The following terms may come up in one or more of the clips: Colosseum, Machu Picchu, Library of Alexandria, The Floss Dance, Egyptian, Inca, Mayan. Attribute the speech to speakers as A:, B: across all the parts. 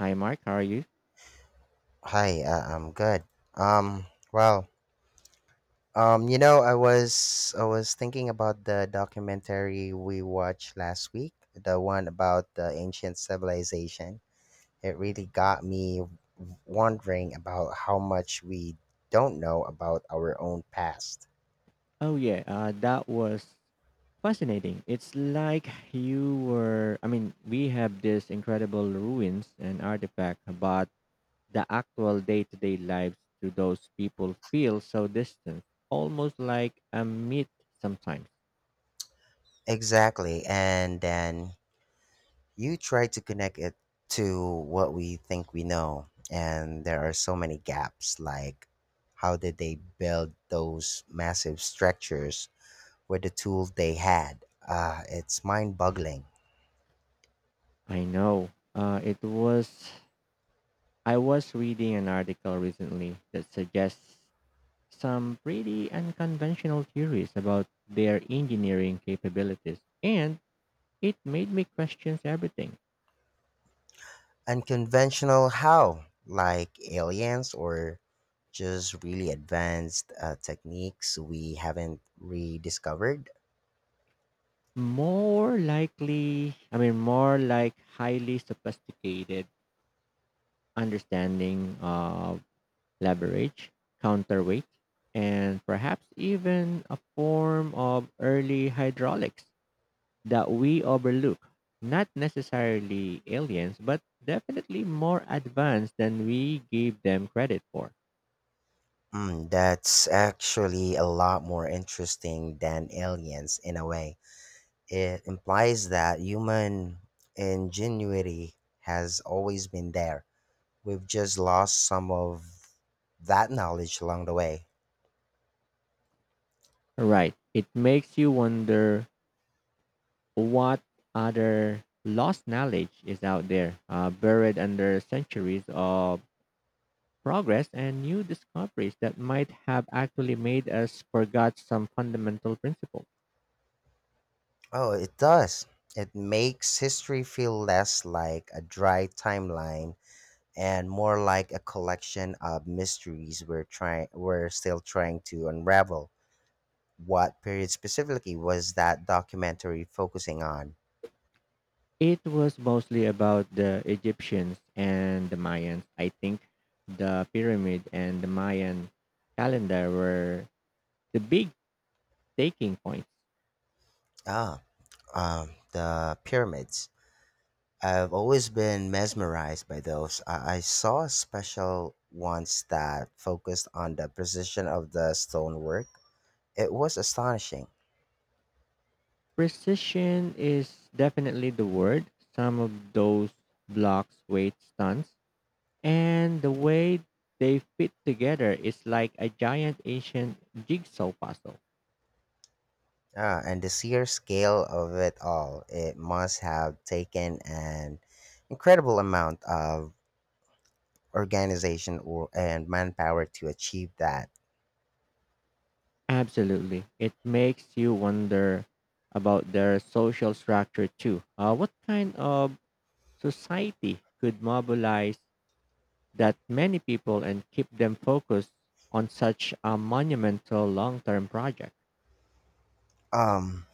A: Hi, Mark. How are you?
B: Hi, I'm good. Um, well, I was thinking about the documentary we watched last week, the one about the ancient civilization. It really got me wondering about how much we don't know about our own past.
A: Oh, yeah. That was fascinating. It's like you were, I mean, we have these incredible ruins and artifact, but the actual day to day lives to those people feel so distant, almost like a myth sometimes.
B: Exactly, and then you try to connect it to what we think we know, and there are so many gaps. Like, how did they build those massive structures with the tools they had? Ah, it's mind boggling.
A: I know. I was reading an article recently that suggests some pretty unconventional theories about their engineering capabilities. And it made me question everything.
B: Unconventional how? Like aliens or just really advanced techniques we haven't rediscovered?
A: More like highly sophisticated understanding of leverage, counterweight, and perhaps even a form of early hydraulics that we overlook. Not necessarily aliens, but definitely more advanced than we gave them credit for.
B: Mm, that's actually a lot more interesting than aliens in a way. It implies that human ingenuity has always been there. We've just lost some of that knowledge along the way.
A: Right. It makes you wonder what other lost knowledge is out there, buried under centuries of progress and new discoveries that might have actually made us forgot some fundamental principle.
B: Oh, it does. It makes history feel less like a dry timeline and more like a collection of mysteries we're still trying to unravel. What period specifically was that documentary focusing on?
A: It was mostly about the Egyptians and the Mayans. I think the pyramid and the Mayan calendar were the big taking points.
B: Ah, the pyramids. I've always been mesmerized by those. I saw a special once that focused on the precision of the stonework. It was astonishing.
A: Precision is definitely the word. Some of those blocks, weights, tons. And the way they fit together is like a giant ancient jigsaw puzzle.
B: Ah, and the sheer scale of it all, it must have taken an incredible amount of organization and manpower to achieve that.
A: Absolutely. It makes you wonder about their social structure too. What kind of society could mobilize that many people and keep them focused on such a monumental long term project?
B: Um,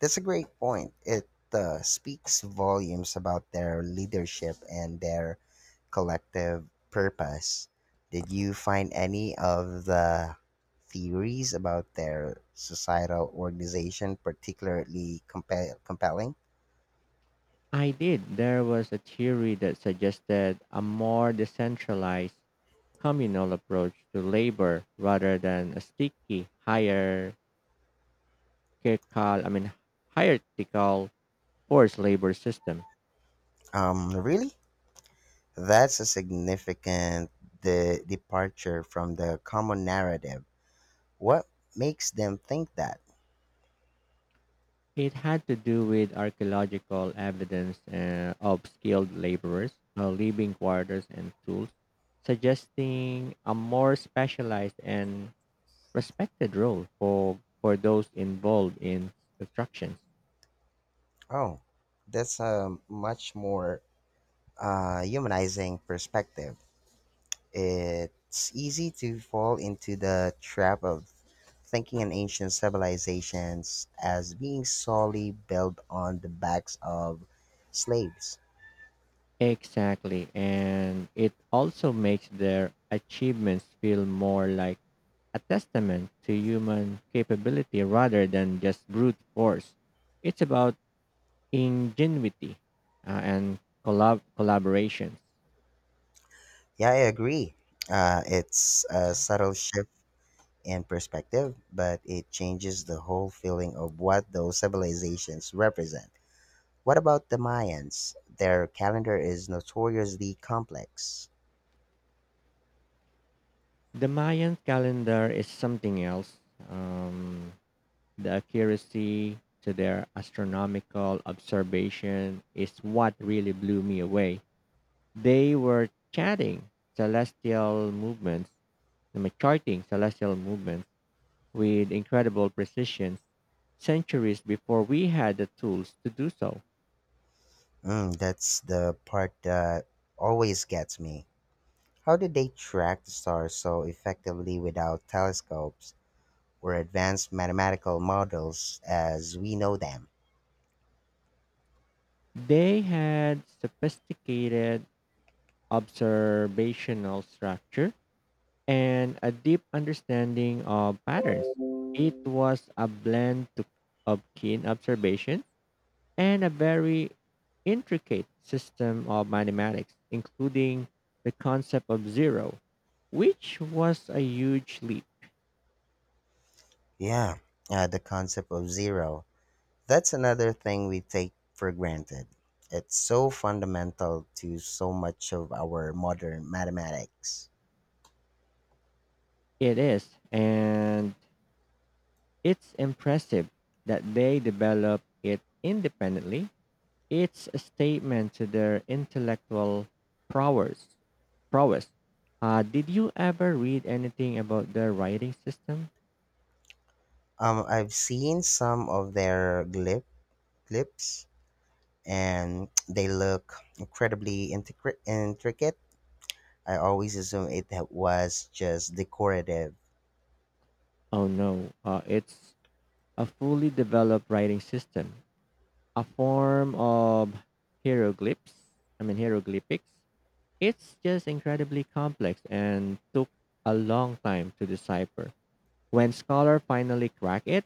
B: that's a great point. It speaks volumes about their leadership and their collective purpose. Did you find any of the theories about their societal organization particularly compelling?
A: I did. There was a theory that suggested a more decentralized communal approach to labor rather than a sticky hierarchical I mean hierarchical forced labor system.
B: Really? That's a significant departure from the common narrative. What makes them think that?
A: It had to do with archaeological evidence of skilled laborers leaving quarters and tools, suggesting a more specialized and respected role for those involved in construction.
B: Oh, that's a much more humanizing perspective. It's easy to fall into the trap of thinking in ancient civilizations as being solely built on the backs of slaves.
A: Exactly, and it also makes their achievements feel more like a testament to human capability rather than just brute force. It's about ingenuity and collaborations.
B: Yeah, I agree. It's a subtle shift in perspective, but it changes the whole feeling of what those civilizations represent. What about the Mayans? Their calendar is notoriously complex.
A: The Mayan calendar is something else. Um, the accuracy to their astronomical observation is what really blew me away. They were chatting celestial movements, I mean, charting celestial movements with incredible precision centuries before we had the tools to do so.
B: Mm, that's the part that always gets me. How did they track the stars so effectively without telescopes or advanced mathematical models as we know them?
A: They had sophisticated observational structure and a deep understanding of patterns. It was a of keen observation and a very intricate system of mathematics, including the concept of zero, which was a huge leap.
B: Yeah, the concept of zero. That's another thing we take for granted. It's so fundamental to so much of our modern mathematics.
A: It is, and it's impressive that they developed it independently. It's a statement to their intellectual prowess. prowess. Did you ever read anything about their writing system?
B: I've seen some of their glyphs, and they look incredibly intricate. I always assume it was just decorative.
A: Oh no, it's a fully developed writing system, a form of hieroglyphs. I mean hieroglyphics. It's just incredibly complex and took a long time to decipher. When scholars finally crack it,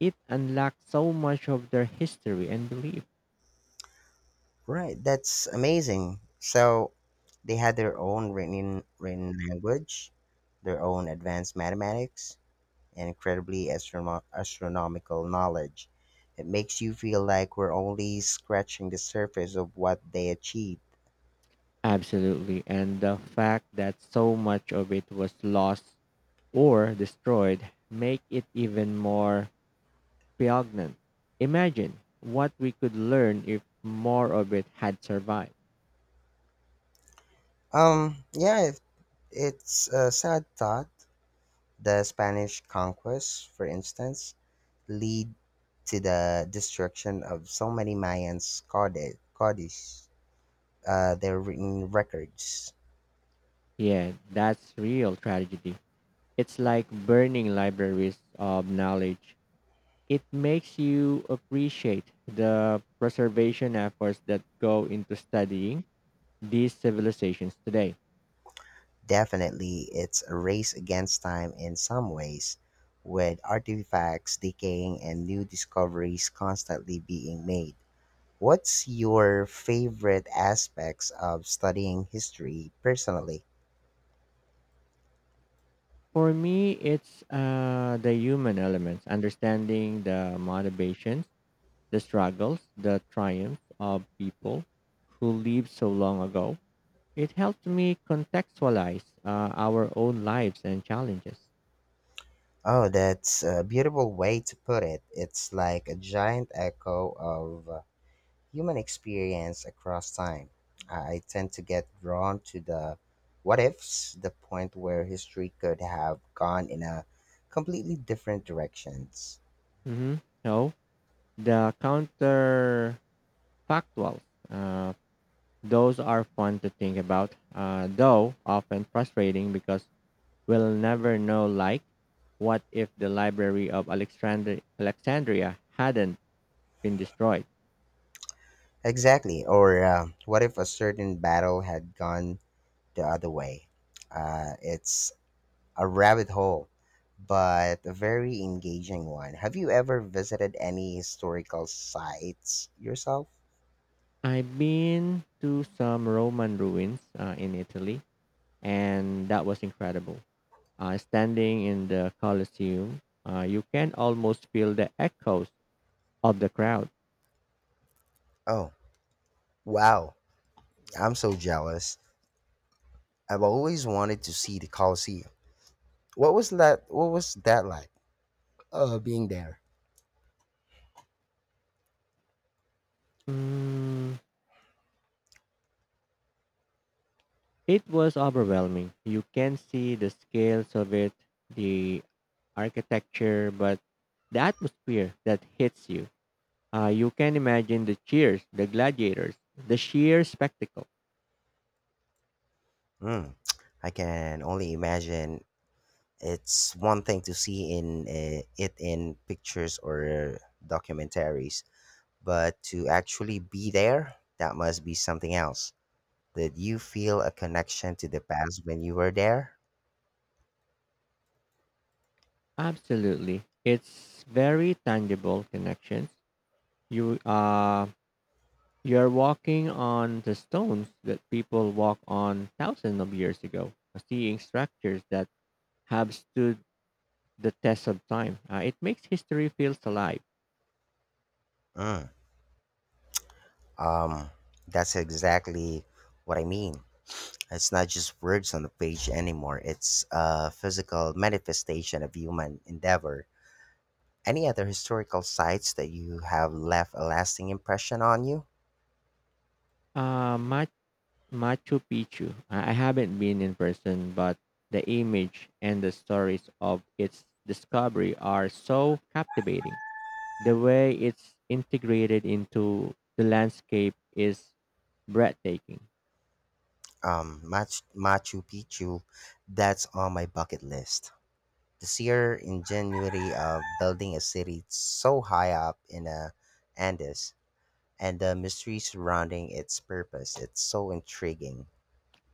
A: it unlocks so much of their history and belief.
B: Right, that's amazing. So they had their own written language, their own advanced mathematics. And incredibly astronomical knowledge. It makes you feel like we're only scratching the surface of what they achieved.
A: Absolutely. And the fact that so much of it was lost or destroyed make it even more poignant. Imagine what we could learn if more of it had survived.
B: Yeah, it's a sad thought. The Spanish conquest, for instance, lead to the destruction of so many Mayans' Scottish, codices, their written records.
A: Yeah, that's real tragedy. It's like burning libraries of knowledge. It makes you appreciate the preservation efforts that go into studying these civilizations today.
B: Definitely, it's a race against time in some ways, with artifacts decaying and new discoveries constantly being made. What's your favorite aspects of studying history personally?
A: For me, it's the human elements, understanding the motivations, the struggles, the triumphs of people who lived so long ago. It helps me contextualize our own lives and challenges.
B: Oh, that's a beautiful way to put it. It's like a giant echo of human experience across time. I tend to get drawn to the what ifs, the point where history could have gone in a completely different directions.
A: hmm So, the counterfactual, uh, those are fun to think about, though often frustrating because we'll never know. Like, what if the Library of Alexandria hadn't been destroyed?
B: Exactly. Or what if a certain battle had gone the other way? It's a rabbit hole, but a very engaging one. Have you ever visited any historical sites yourself?
A: I've been to some Roman ruins in Italy, and that was incredible. Standing in the Colosseum, you can almost feel the echoes of the crowd.
B: Oh, wow. I'm so jealous. I've always wanted to see the Colosseum. What was that like? Being there.
A: Mm, it was overwhelming. You can see the scales of it, the architecture, but the atmosphere that hits you. You can imagine the cheers, the gladiators, the sheer spectacle.
B: Mm, I can only imagine. It's one thing to see in it in pictures or documentaries, but to actually be there, that must be something else. Did you feel a connection to the past when you were there?
A: Absolutely. It's very tangible connections. You uh you're walking on the stones that people walk on thousands of years ago, seeing structures that have stood the test of time. It makes history feels alive.
B: Mm, um, that's exactly what I mean. It's not just words on the page anymore. It's a physical manifestation of human endeavor. Any other historical sites that you have left a lasting impression on you?
A: Uh, Machu Picchu. I haven't been in person, but the image and the stories of its discovery are so captivating. The way it's integrated into the landscape is breathtaking.
B: Machu Picchu, that's on my bucket list. The sheer ingenuity of building a city so high up in the Andes and the mystery surrounding its purpose, it's so intriguing.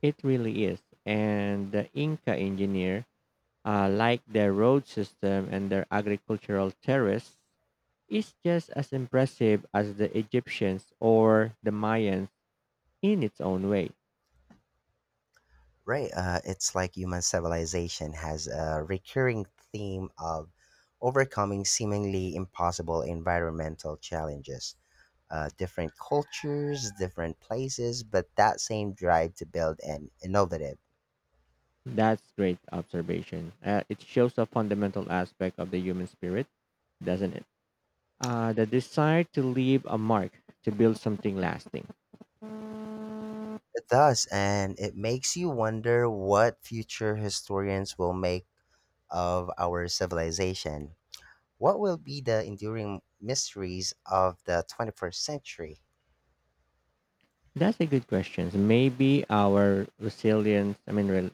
A: It really is. And the Inca engineer, like their road system and their agricultural terrace, is just as impressive as the Egyptians or the Mayans in its own way.
B: Right, it's like human civilization has a recurring theme of overcoming seemingly impossible environmental challenges. Different cultures, different places, but that same drive to build and innovative.
A: That's great observation. It shows a fundamental aspect of the human spirit, doesn't it? The desire to leave a mark, to build something lasting.
B: It does, and it makes you wonder what future historians will make of our civilization. What will be the enduring mysteries of the 21st century?
A: That's a good question. Maybe our resilience, I mean, rel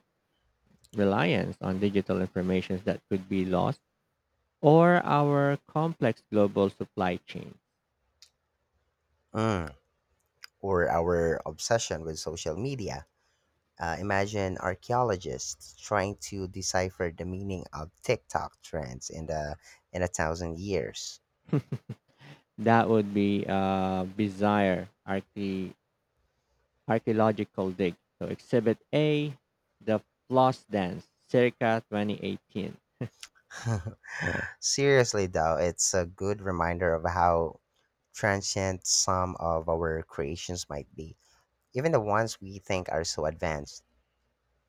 A: reliance on digital information that could be lost, or our complex global supply chain.
B: Mm. Or our obsession with social media? Imagine archaeologists trying to decipher the meaning of TikTok trends in 1,000 years.
A: That would be a bizarre archaeological dig. So, Exhibit A, the Floss Dance, circa 2018.
B: Seriously, though, it's a good reminder of how transient some of our creations might be, even the ones we think are so advanced.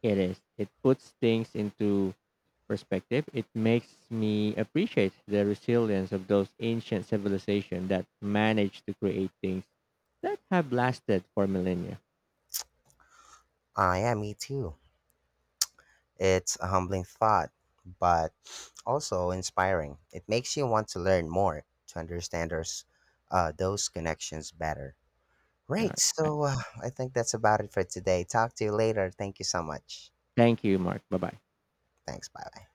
A: It is. It puts things into perspective. It makes me appreciate the resilience of those ancient civilizations that managed to create things that have lasted for millennia.
B: Ah, yeah, me too. It's a humbling thought, but also inspiring. It makes you want to learn more to understand those connections better.
A: All
B: Right.
A: right.
B: So I think that's about it for today. Talk to you later. Thank you so much.
A: Thank you, Mark. Bye bye.
B: Thanks. Bye. Bye.